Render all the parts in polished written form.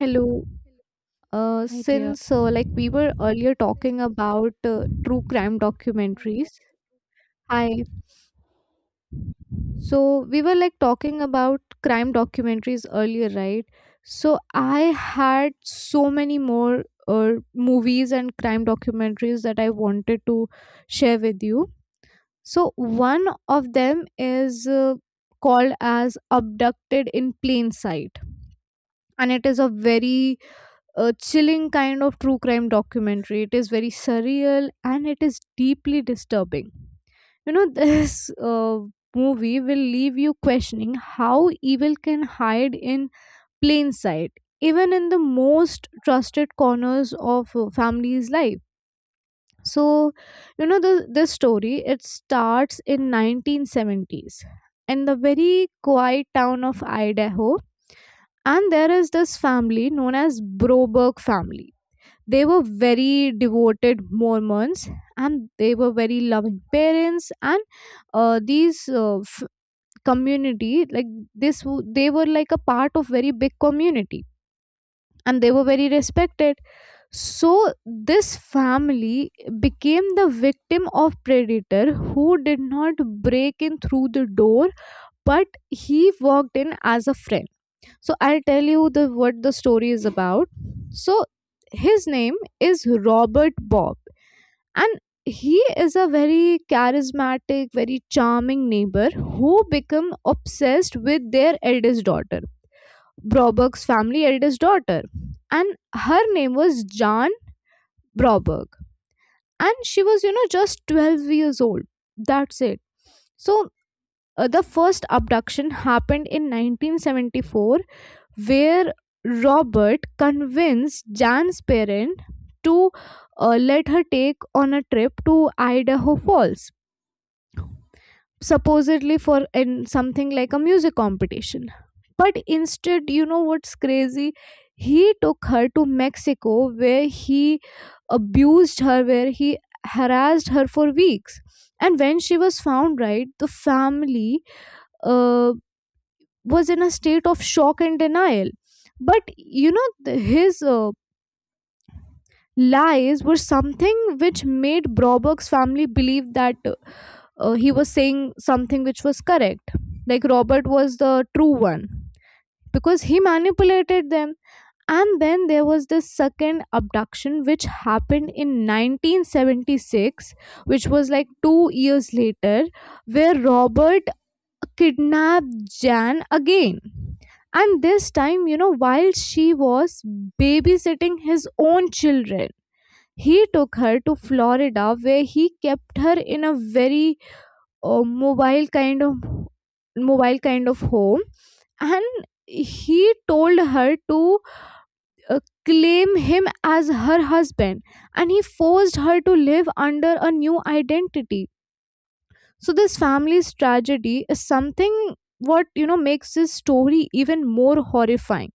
Hello. Hi, dear. Since we were earlier talking about true crime documentaries. Hi. So we were talking about crime documentaries earlier, right? So I had so many more movies and crime documentaries that I wanted to share with you. So one of them is called as Abducted in Plain Sight, and it is a chilling kind of true crime documentary. It is very surreal and it is deeply disturbing. You know, this movie will leave you questioning how evil can hide in plain sight, even in the most trusted corners of a family's life. So, you know, this story, it starts in 1970s in the very quiet town of Idaho. And there is this family known as Broberg family. They were very devoted Mormons, and they were very loving parents, and uh, these uh, f- community like they were like a part of very big community, and they were very respected. So this family became the victim of predator who did not break in through the door, but he walked in as a friend. So I'll tell you the what the story is about. So his name is Robert Bob. And he is a very charismatic, very charming neighbor who become obsessed with their eldest daughter, Broberg's family eldest daughter. And her name was Jan Broberg. And she was, you know, just 12 years old. That's it. So the first abduction happened in 1974, where Robert convinced Jan's parent to let her take on a trip to Idaho Falls, supposedly for in something like a music competition. But instead, you know what's crazy, he took her to Mexico, where he abused her, where he harassed her for weeks. And when she was found, right, the family uh, was in a state of shock and denial. But you know his lies were something which made Broberg's family believe that he was saying something which was correct. Like Robert was the true one because he manipulated them. And then there was this second abduction which happened in 1976, which was like 2 years later, where Robert kidnapped Jan again. And this time, you know, while she was babysitting his own children, he took her to Florida, where he kept her in a very uh, mobile kind of mobile kind of home. And he told her to uh, claim him as her husband, and he forced her to live under a new identity. So this family's tragedy is something what, you know, makes this story even more horrifying,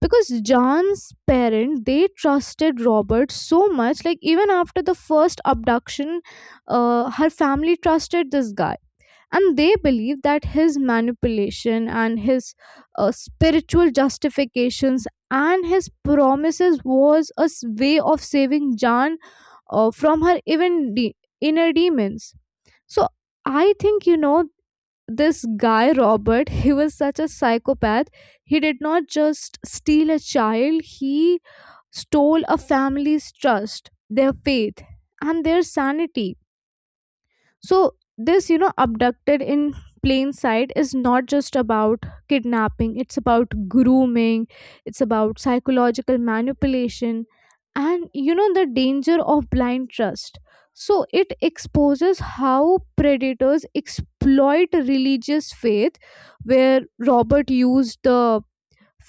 because John's parents they trusted Robert so much. Like even after the first abduction, her family trusted this guy, and they believe that his manipulation and his spiritual justifications and his promises was a way of saving Jan from her even inner demons. So I think, you know, this guy Robert. He was such a psychopath. He did not just steal a child. He stole a family's trust, their faith, and their sanity. So this, you know, Abducted in Plain Sight is not just about kidnapping. It's about grooming, it's about psychological manipulation, and you know the danger of blind trust. So it exposes how predators exploit religious faith, where Robert used the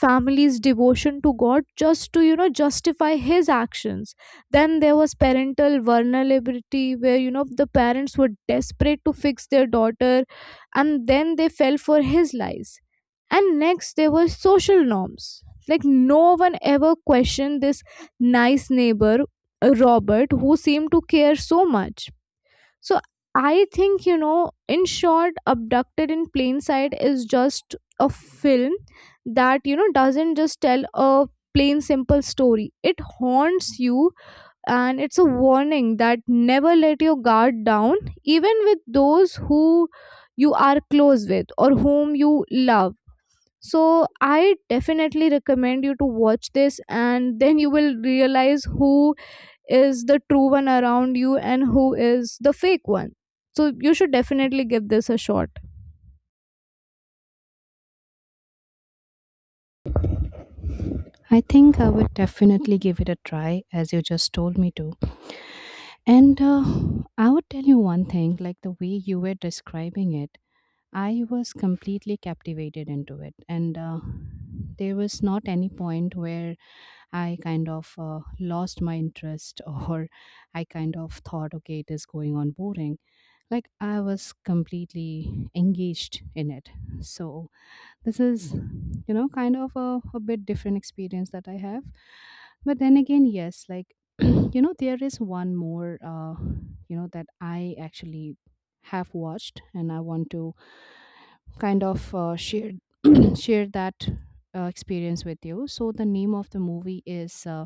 family's devotion to God just to, you know, justify his actions. Then there was parental vulnerability, where, you know, the parents were desperate to fix their daughter, and then they fell for his lies. And next there were social norms. Like no one ever questioned this nice neighbor, Robert, who seemed to care so much. So I think, you know, in short, Abducted in Plain Sight is just a film that, you know, doesn't just tell a plain simple story. It haunts you, and it's a warning that never let your guard down, even with those who you are close with or whom you love. So I definitely recommend you to watch this, and then you will realize who is the true one around you and who is the fake one. So you should definitely give this a shot. I think I would definitely give it a try as you just told me to. And I would tell you one thing, like the way you were describing it, I was completely captivated into it. And there was not any point where I kind of lost my interest or I kind of thought, okay, it is going on boring. Like I was completely engaged in it. So this is, you know, kind of a bit different experience that I have. But then again, yes, like you know there is one more that I actually have watched and I want to kind of share share that experience with you. So the name of the movie is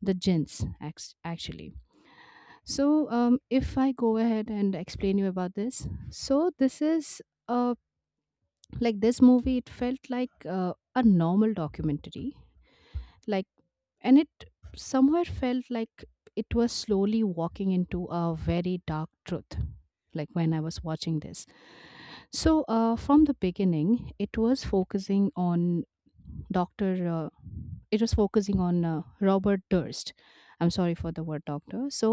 the Gins actually. So if I go ahead and explain you about this. So this is a, like this movie, it felt like a normal documentary, like, and it somewhere felt like it was slowly walking into a very dark truth, like when I was watching this. So from the beginning it was focusing on dr uh, it was focusing on Robert Durst. I'm sorry for the word doctor. So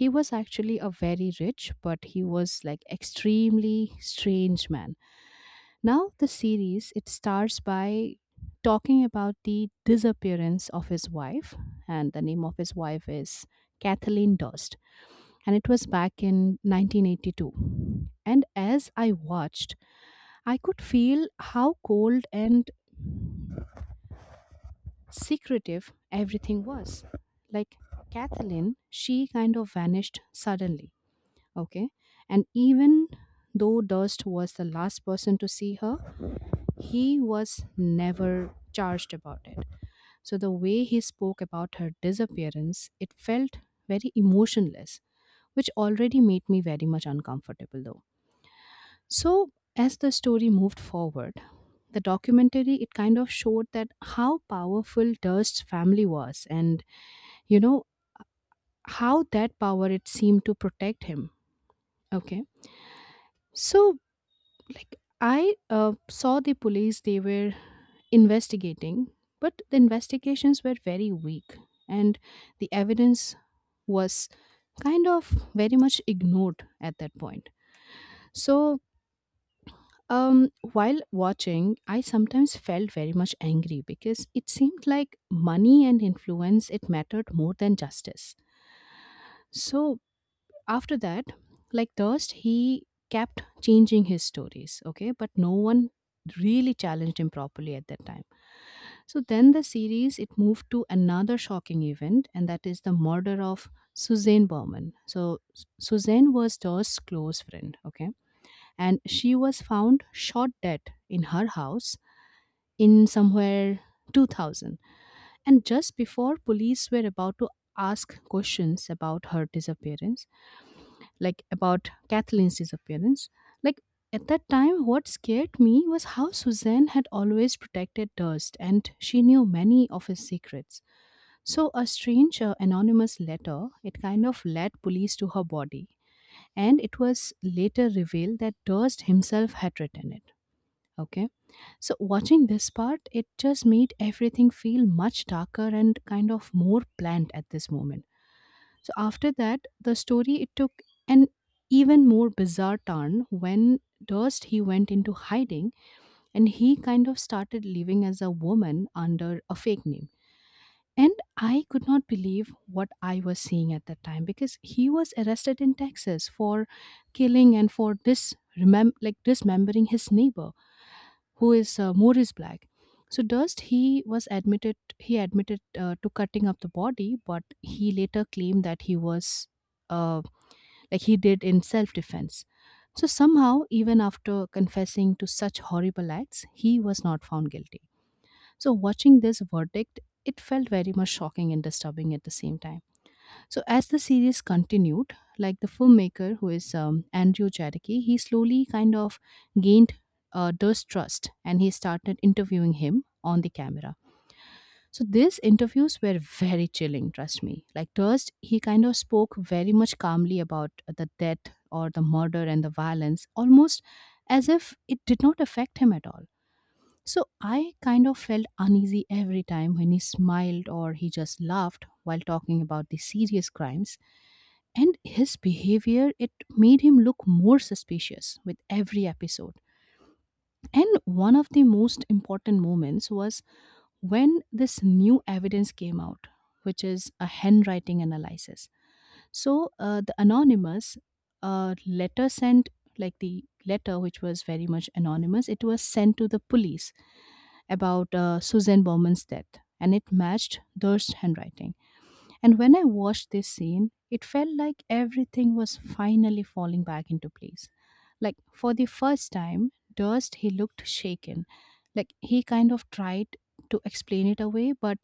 he was actually a very rich but he was like extremely strange man. Now the series, it stars by talking about the disappearance of his wife, and the name of his wife is Kathleen Durst, and it was back in 1982. And as I watched, I could feel how cold and secretive everything was. Like Kathleen, she kind of vanished suddenly, okay? And even though Durst was the last person to see her, he was never charged about it. So the way he spoke about her disappearance, it felt very emotionless, which already made me very much uncomfortable though. So as the story moved forward, the documentary, it kind of showed that how powerful Durst's family was, and, you know, how that power, it seemed to protect him. Okay. So like I uh, saw the police, they were investigating, but the investigations were very weak and the evidence was kind of very much ignored at that point. So um, while watching, I sometimes felt very much angry because it seemed like money and influence, it mattered more than justice. So after that, like Thirst, he kept changing his stories, okay, but no one really challenged him properly at that time. So then the series, it moved to another shocking event, and that is the murder of Suzanne Berman. So Suzanne was Thirst's close friend, okay, and she was found shot dead in her house in somewhere 2000, and just before police were about to ask questions about her disappearance, like about Kathleen's disappearance. Like at that time, what scared me was how Suzanne had always protected Durst and she knew many of his secrets. So a strange anonymous letter, it kind of led police to her body, and it was later revealed that Durst himself had written it. Okay. So watching this part, it just made everything feel much darker and kind of more planned at this moment. So after that, the story, it took an even more bizarre turn when Durst, he went into hiding and he kind of started living as a woman under a fake name. And I could not believe what I was seeing at that time because he was arrested in Texas for killing and for like dismembering his neighbor, who is Morris Black. So Durst, he admitted to cutting up the body, but he later claimed that he was uh, like he did in self defense. So somehow, even after confessing to such horrible acts, he was not found guilty. So watching this verdict, it felt very much shocking and disturbing at the same time. So as the series continued, like the filmmaker, who is Andrew Jarecki, he slowly kind of gained distrust and he started interviewing him on the camera. So these interviews were very chilling, trust me. Like Durst, he kind of spoke very much calmly about the death or the murder and the violence, almost as if it did not affect him at all. So I kind of felt uneasy every time when he smiled or he just laughed while talking about the serious crimes, and his behavior, it made him look more suspicious with every episode. And one of the most important moments was when this new evidence came out, which is a handwriting analysis. So the anonymous letter sent, like the letter which was very much anonymous, it was sent to the police about Susan Bowman's death, and it matched Durst's handwriting. And when I watched this scene, it felt like everything was finally falling back into place. Like for the first time, Durst, he looked shaken. Like he kind of tried to explain it away, but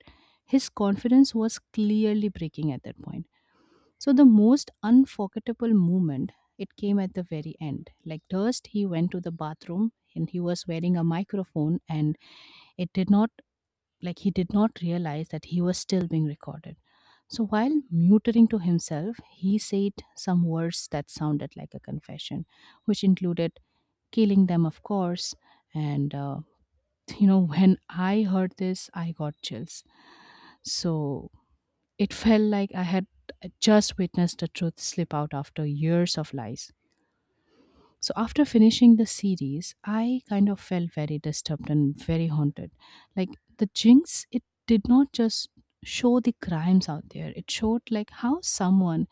his confidence was clearly breaking at that point. So the most unforgettable moment, it came at the very end. Like first, he went to the bathroom and he was wearing a microphone, and it did not like he did not realize that he was still being recorded. So while muttering to himself, he said some words that sounded like a confession, which included killing them, of course. And, uh, you know, when I heard this, I got chills. So it felt like I had just witnessed the truth slip out after years of lies. So after finishing the series, I kind of felt very disturbed and very haunted. Like the Jinx, it did not just show the crimes out there, it showed like how someone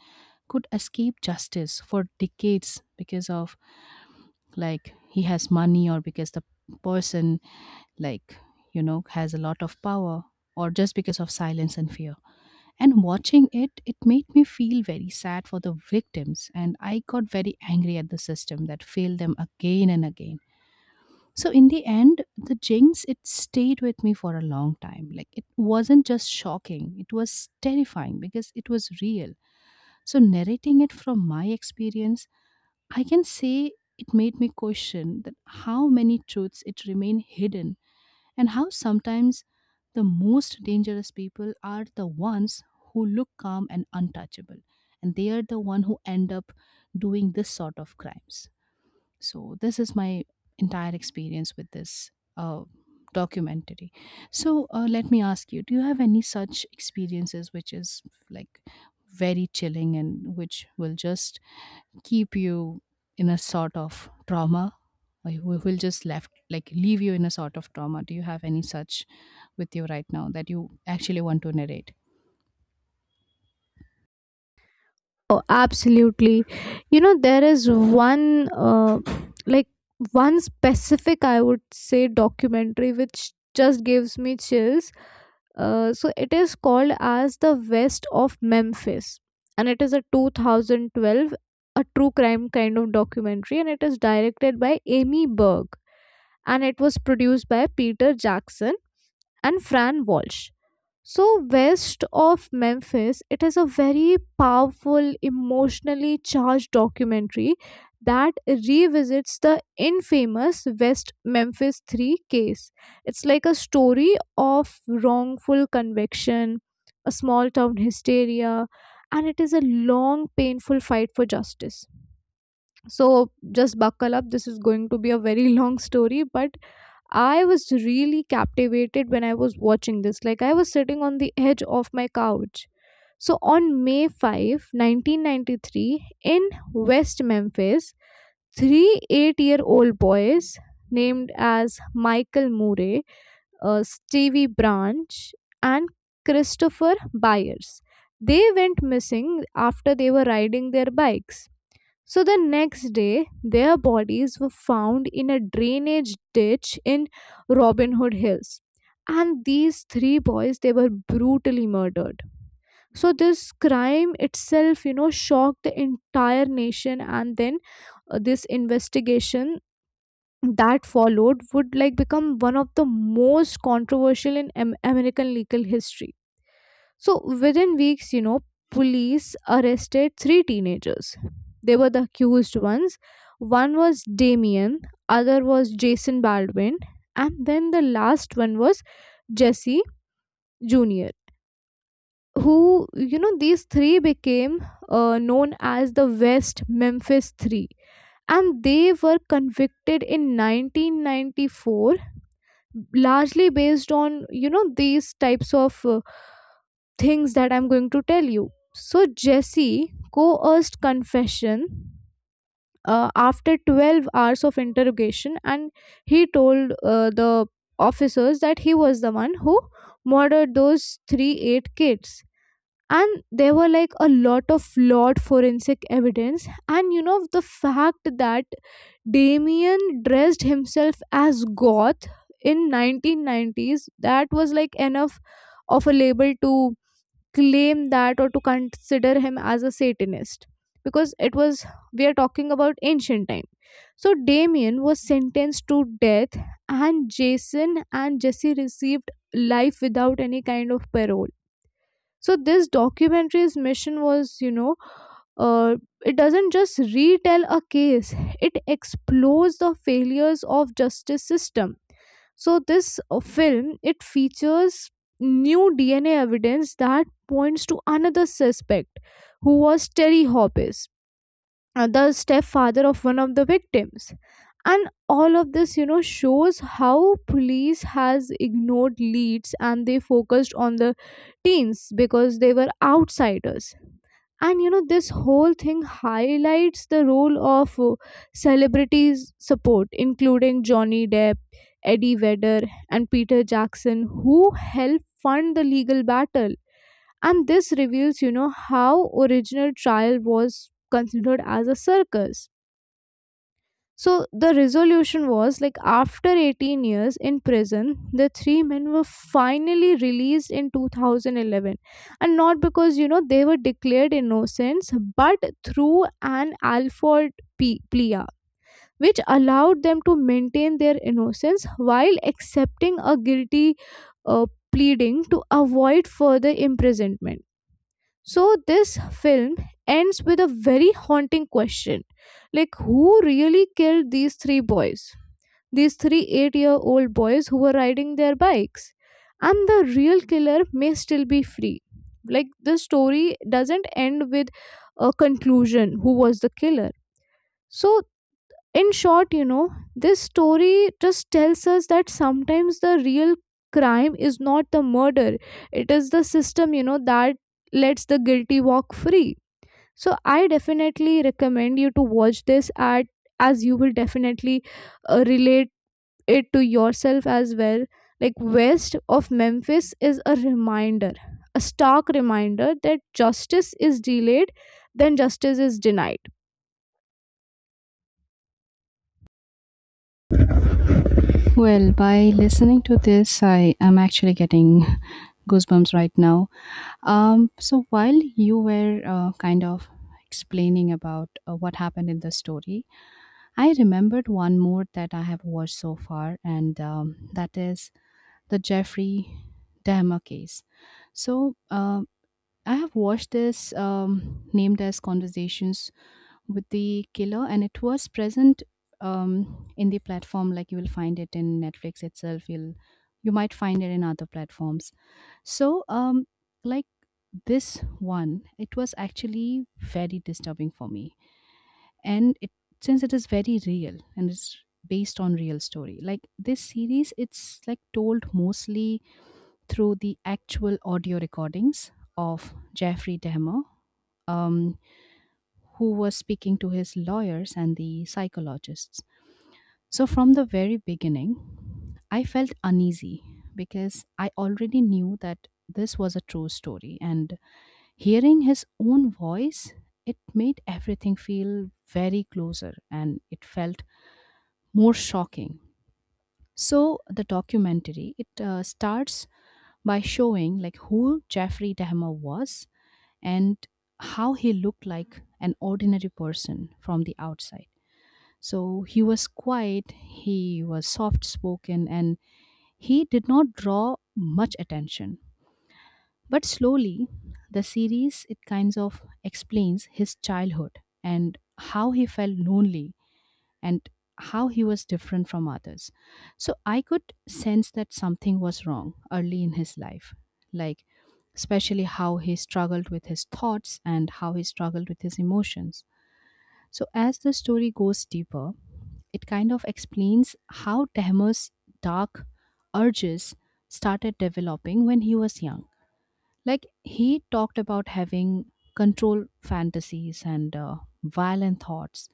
could escape justice for decades because of, like, he has money, or because the person, like, you know, has a lot of power, or just because of silence and fear. And watching it, it made me feel very sad for the victims, and I got very angry at the system that failed them again and again. So in the end, the Jinx, it stayed with me for a long time. Like, it wasn't just shocking, it was terrifying because it was real. So narrating it from my experience, I can say it made me question that how many truths it remain hidden, and how sometimes the most dangerous people are the ones who look calm and untouchable, and they are the one who end up doing this sort of crimes. So this is my entire experience with this uh, documentary. So let me ask you, do you have any such experiences which is, like, very chilling and which will just keep you in a sort of trauma, or you will just left, like leave you in a sort of trauma? Do you have any such with you right now that you actually want to narrate? Oh, absolutely. You know, there is like, one specific, I would say, documentary which just gives me chills. So it is called as The West of Memphis, and it is a 2012, a true crime kind of documentary, and it is directed by Amy Berg, and it was produced by Peter Jackson and Fran Walsh. So, West of Memphis, it is a very powerful, emotionally charged documentary that revisits the infamous West Memphis 3 case. It's like a story of wrongful conviction, a small town hysteria, and it is a long, painful fight for justice. So, just buckle up, this is going to be a very long story, but I was really captivated when I was watching this. Like, I was sitting on the edge of my couch. So, on May 5, 1993, in West Memphis, 3 8 year old boys named as Michael Murray, Stevie Branch, and Christopher Byers. They went missing after they were riding their bikes. So the next day, their bodies were found in a drainage ditch in Robin Hood Hills. And these three boys, they were brutally murdered. So this crime itself, you know, shocked the entire nation. And then this investigation that followed would like become one of the most controversial in American legal history. So within weeks, you know, police arrested three teenagers. They were the accused ones. One was Damien, other was Jason Baldwin, and then the last one was Jesse Jr. Who, you know, these three became known as the West Memphis Three, and they were convicted in 1994, largely based on, you know, these types of things that I'm going to tell you. So Jesse coerced confession after 12 hours of interrogation, and he told the officers that he was the one who murdered those 3 8 kids. And there were like a lot of flawed forensic evidence, and, you know, the fact that Damien dressed himself as goth in 1990s, that was like enough of a label to claim that or to consider him as a Satanist, because it was we are talking about ancient time. So Damien was sentenced to death, and Jason and Jesse received life without any kind of parole. So this documentary's mission was, you know, uh, it doesn't just retell a case; it explores the failures of justice system. So this film, it features new DNA evidence that points to another suspect, who was Terry Hoppes, the stepfather of one of the victims. And all of this, you know, shows how police has ignored leads and they focused on the teens because they were outsiders. And you know this whole thing highlights the role of celebrities support, including Johnny Depp, Eddie Vedder, and Peter Jackson, who helped fund the legal battle. And this reveals, you know, how original trial was considered as a circus. So the resolution was like after 18 years in prison, the three men were finally released in 2011. And not because, you know, they were declared innocents, but through an Alford plea, which allowed them to maintain their innocence while accepting a guilty uh, pleading to avoid further imprisonment. So this film ends with a very haunting question, like who really killed these three boys, these three 8-year-old boys who were riding their bikes? And the real killer may still be free. Like the story doesn't end with a conclusion who was the killer. So in short, you know, this story just tells us that sometimes the real crime is not the murder, it is the system, you know, that lets the guilty walk free. So I definitely recommend you to watch this at, as you will definitely relate it to yourself as well. Like West of Memphis is a reminder, a stark reminder that justice is delayed, then justice is denied. Well, by listening to this, I am actually getting goosebumps right now. So while you were kind of explaining about what happened in the story, I remembered one more that I have watched so far, and that is the Jeffrey Dahmer case. So I have watched this, named as Conversations with the Killer, and it was present in the platform. Like you will find it in Netflix itself. You might find it in other platforms. So, like this one, it was actually very disturbing for me, and it, since it is very real and it's based on real story. Like this series, it's like told mostly through the actual audio recordings of Jeffrey Dahmer, um, who was speaking to his lawyers and the psychologists. So from the very beginning, I felt uneasy because I already knew that this was a true story. And hearing his own voice, it made everything feel very closer, and it felt more shocking. So the documentary, it starts by showing like who Jeffrey Dahmer was and how he looked like an ordinary person from the outside. So he was quiet, he was soft spoken, and he did not draw much attention. But slowly, the series, it kinds of explains his childhood and how he felt lonely and how he was different from others. So I could sense that something was wrong early in his life, like especially how he struggled with his thoughts and how he struggled with his emotions. So as the story goes deeper, it kind of explains how Dahmer's dark urges started developing when he was young. Like he talked about having control fantasies and violent thoughts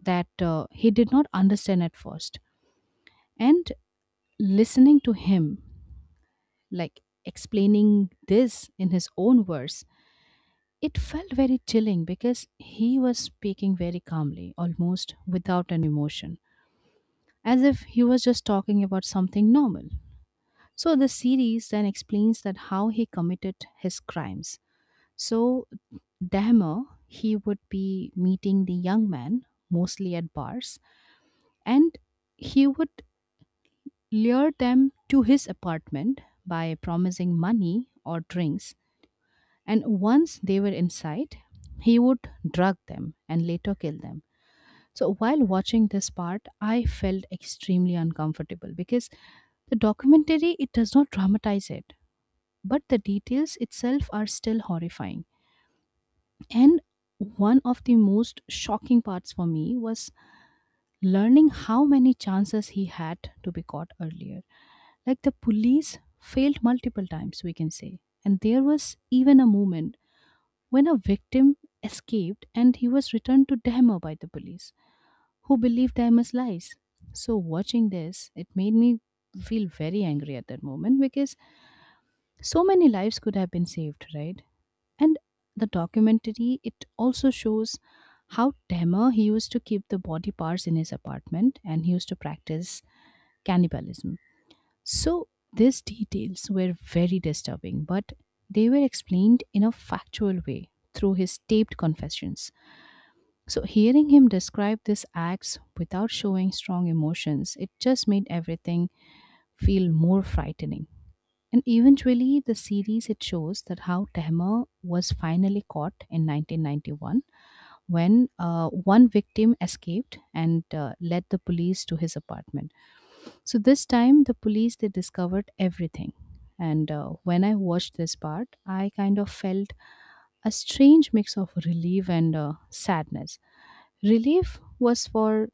that he did not understand at first. And listening to him, like explaining this in his own words, it felt very chilling because he was speaking very calmly, almost without an emotion, as if he was just talking about something normal. So the series then explains that how he committed his crimes. So Dahmer, he would be meeting the young man mostly at bars, and he would lure them to his apartment by promising money or drinks, and once they were inside, he would drug them and later kill them. So while watching this part, I felt extremely uncomfortable because the documentary it does not dramatize it, but the details itself are still horrifying. And one of the most shocking parts for me was learning how many chances he had to be caught earlier. Like the police failed multiple times, we can say. And there was even a moment when a victim escaped and he was returned to Dahmer by the police, who believed Dahmer's lies. So, watching this, it made me feel very angry at that moment because so many lives could have been saved, right? And the documentary, it also shows how Dahmer, he used to keep the body parts in his apartment and he used to practice cannibalism. So these details were very disturbing, but they were explained in a factual way through his taped confessions. So hearing him describe these acts without showing strong emotions, it just made everything feel more frightening. And eventually the series it shows that how Tehma was finally caught in 1991 when one victim escaped and led the police to his apartment. So this time, the police they discovered everything. And When I watched this part, I kind of felt a strange mix of relief and sadness. Relief was for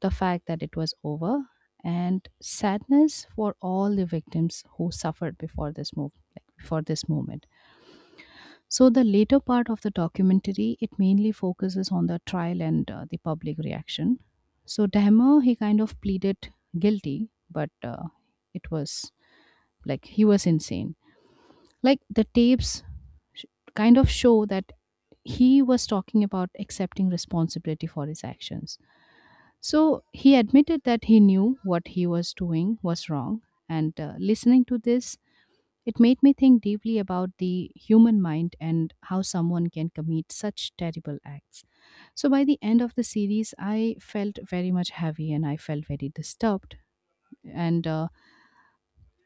the fact that it was over, and sadness for all the victims who suffered before this move, like before this moment. So the later part of the documentary it mainly focuses on the trial and the public reaction. So Dahmer he kind of pleaded guilty, but it was like he was insane. Like the tapes sh- kind of show that he was talking about accepting responsibility for his actions. So he admitted that he knew what he was doing was wrong. And Listening to this, it made me think deeply about the human mind and how someone can commit such terrible acts. So by the end of the series, I felt very much heavy and I felt very disturbed. And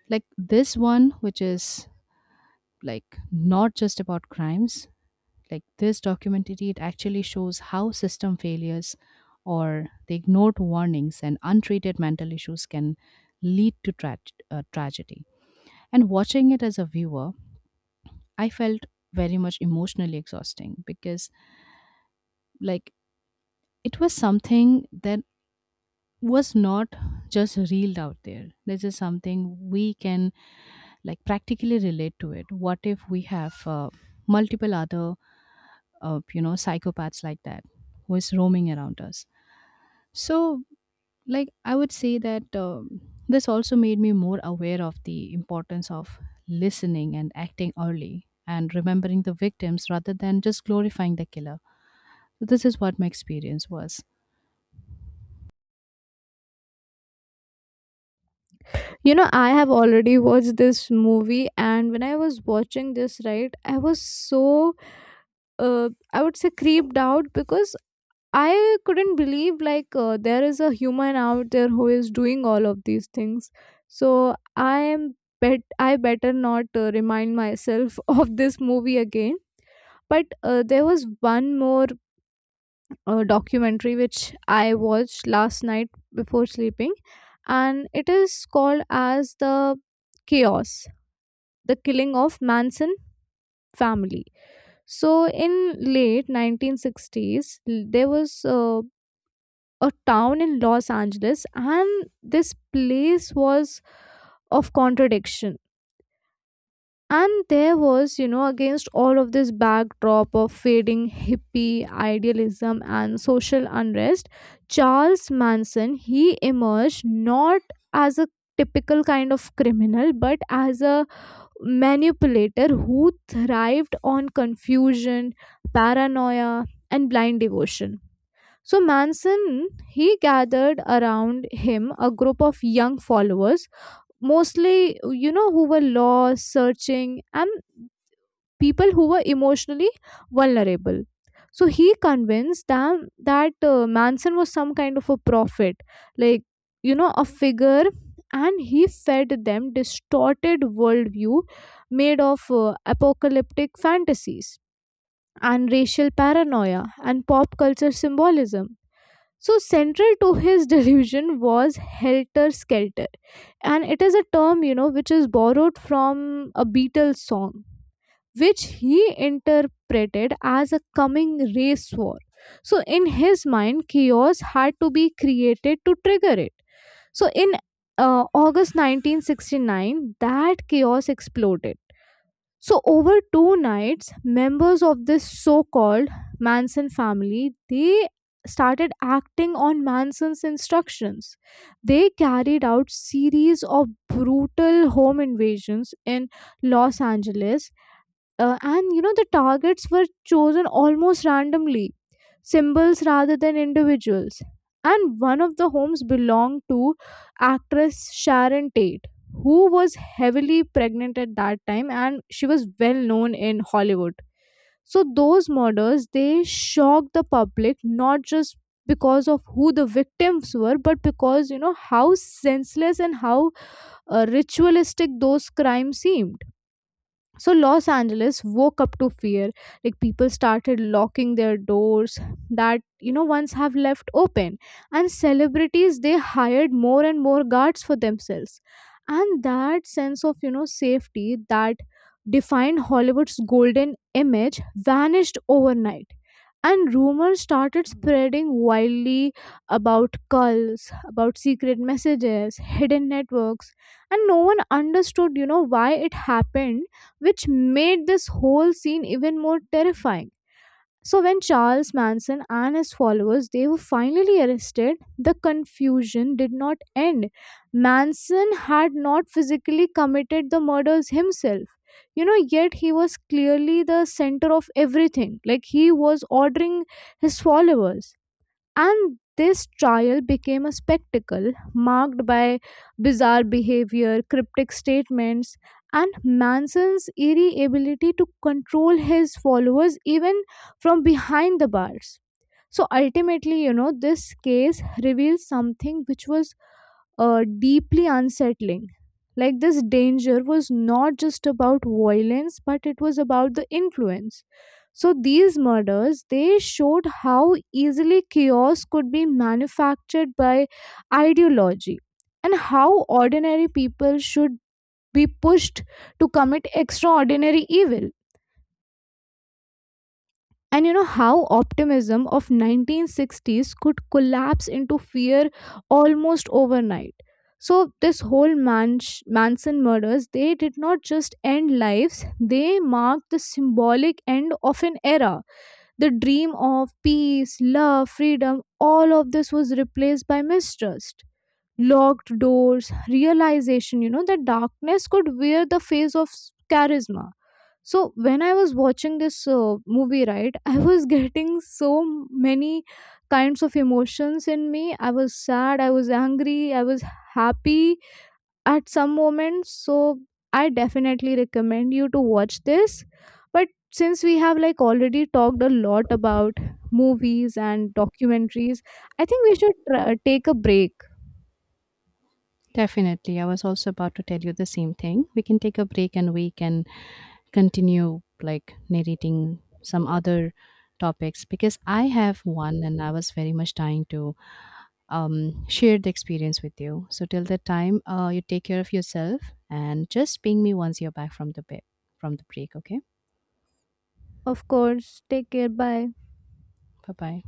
like This one, which is like not just about crimes, like this documentary it actually shows how system failures or the ignored warnings and untreated mental issues can lead to tragedy. And watching it as a viewer, I felt very much emotionally exhausting because like it was something that was not just reeled out there. This is something we can like practically relate to it. What if we have multiple other, you know, psychopaths like that who is roaming around us? So, like, I would say that this also made me more aware of the importance of listening and acting early and remembering the victims rather than just glorifying the killer. So, this is what my experience was. You know, I have already watched this movie, and when I was watching this, right, I was so I would say creeped out, because I couldn't believe like there is a human out there who is doing all of these things. So I am bet I better not remind myself of this movie again. But there was one more documentary which I watched last night before sleeping, and it is called as the Chaos: The Killing of Manson Family. So in late 1960s, there was a town in Los Angeles, and this place was of contradiction. And there was, against all of this backdrop of fading hippie idealism and social unrest, Charles Manson he emerged not as a typical kind of criminal but as a manipulator who thrived on confusion, paranoia, and blind devotion. So Manson, he gathered around him a group of young followers, mostly, who were lost, searching, and people who were emotionally vulnerable. So he convinced them that Manson was some kind of a prophet, like, a figure, and he fed them distorted worldview made of apocalyptic fantasies and racial paranoia and pop culture symbolism. So, central to his delusion was Helter Skelter, and it is a term which is borrowed from a Beatles song, which he interpreted as a coming race war. So, in his mind, chaos had to be created to trigger it. So, in August 1969, that chaos exploded. So over two nights, members of this so-called Manson family, they started acting on Manson's instructions. They carried out series of brutal home invasions in Los Angeles, and the targets were chosen almost randomly, symbols rather than individuals. And one of the homes belonged to actress Sharon Tate, who was heavily pregnant at that time and she was well known in Hollywood. So those murders they shocked the public, not just because of who the victims were, but because how senseless and how ritualistic those crimes seemed. So Los Angeles woke up to fear. Like people started locking their doors that once have left open, and celebrities they hired more and more guards for themselves. And that sense of safety that defined Hollywood's golden image vanished overnight. And rumors started spreading wildly about cults, about secret messages, hidden networks. And no one understood why it happened, which made this whole scene even more terrifying. So when Charles Manson and his followers they were finally arrested, the confusion did not end. Manson had not physically committed the murders himself. Yet he was clearly the center of everything. Like he was ordering his followers. And this trial became a spectacle marked by bizarre behavior, cryptic statements, and Manson's eerie ability to control his followers even from behind the bars. So ultimately, this case reveals something which was deeply unsettling. Like this danger was not just about violence, but it was about the influence. So these murders they showed how easily chaos could be manufactured by ideology, and how ordinary people should be pushed to commit extraordinary evil. And how optimism of 1960s could collapse into fear almost overnight. So this whole Manson murders they did not just end lives, they marked the symbolic end of an era. The dream of peace, love, freedom, all of this was replaced by mistrust, locked doors, realization that darkness could wear the face of charisma. So when I was watching this movie, right, I was getting so many kinds of emotions in me. I was sad, I was angry, I was happy at some moments. So I definitely recommend you to watch this. But since we have like already talked a lot about movies and documentaries, I think we should take a break. Definitely. I was also about to tell you the same thing. We can take a break and we can continue like narrating some other topics because I have one and I was very much trying to share the experience with you. So till that time, you take care of yourself and just ping me once you're back from the bit from the break. Okay. Of course, take care. Bye. Bye bye.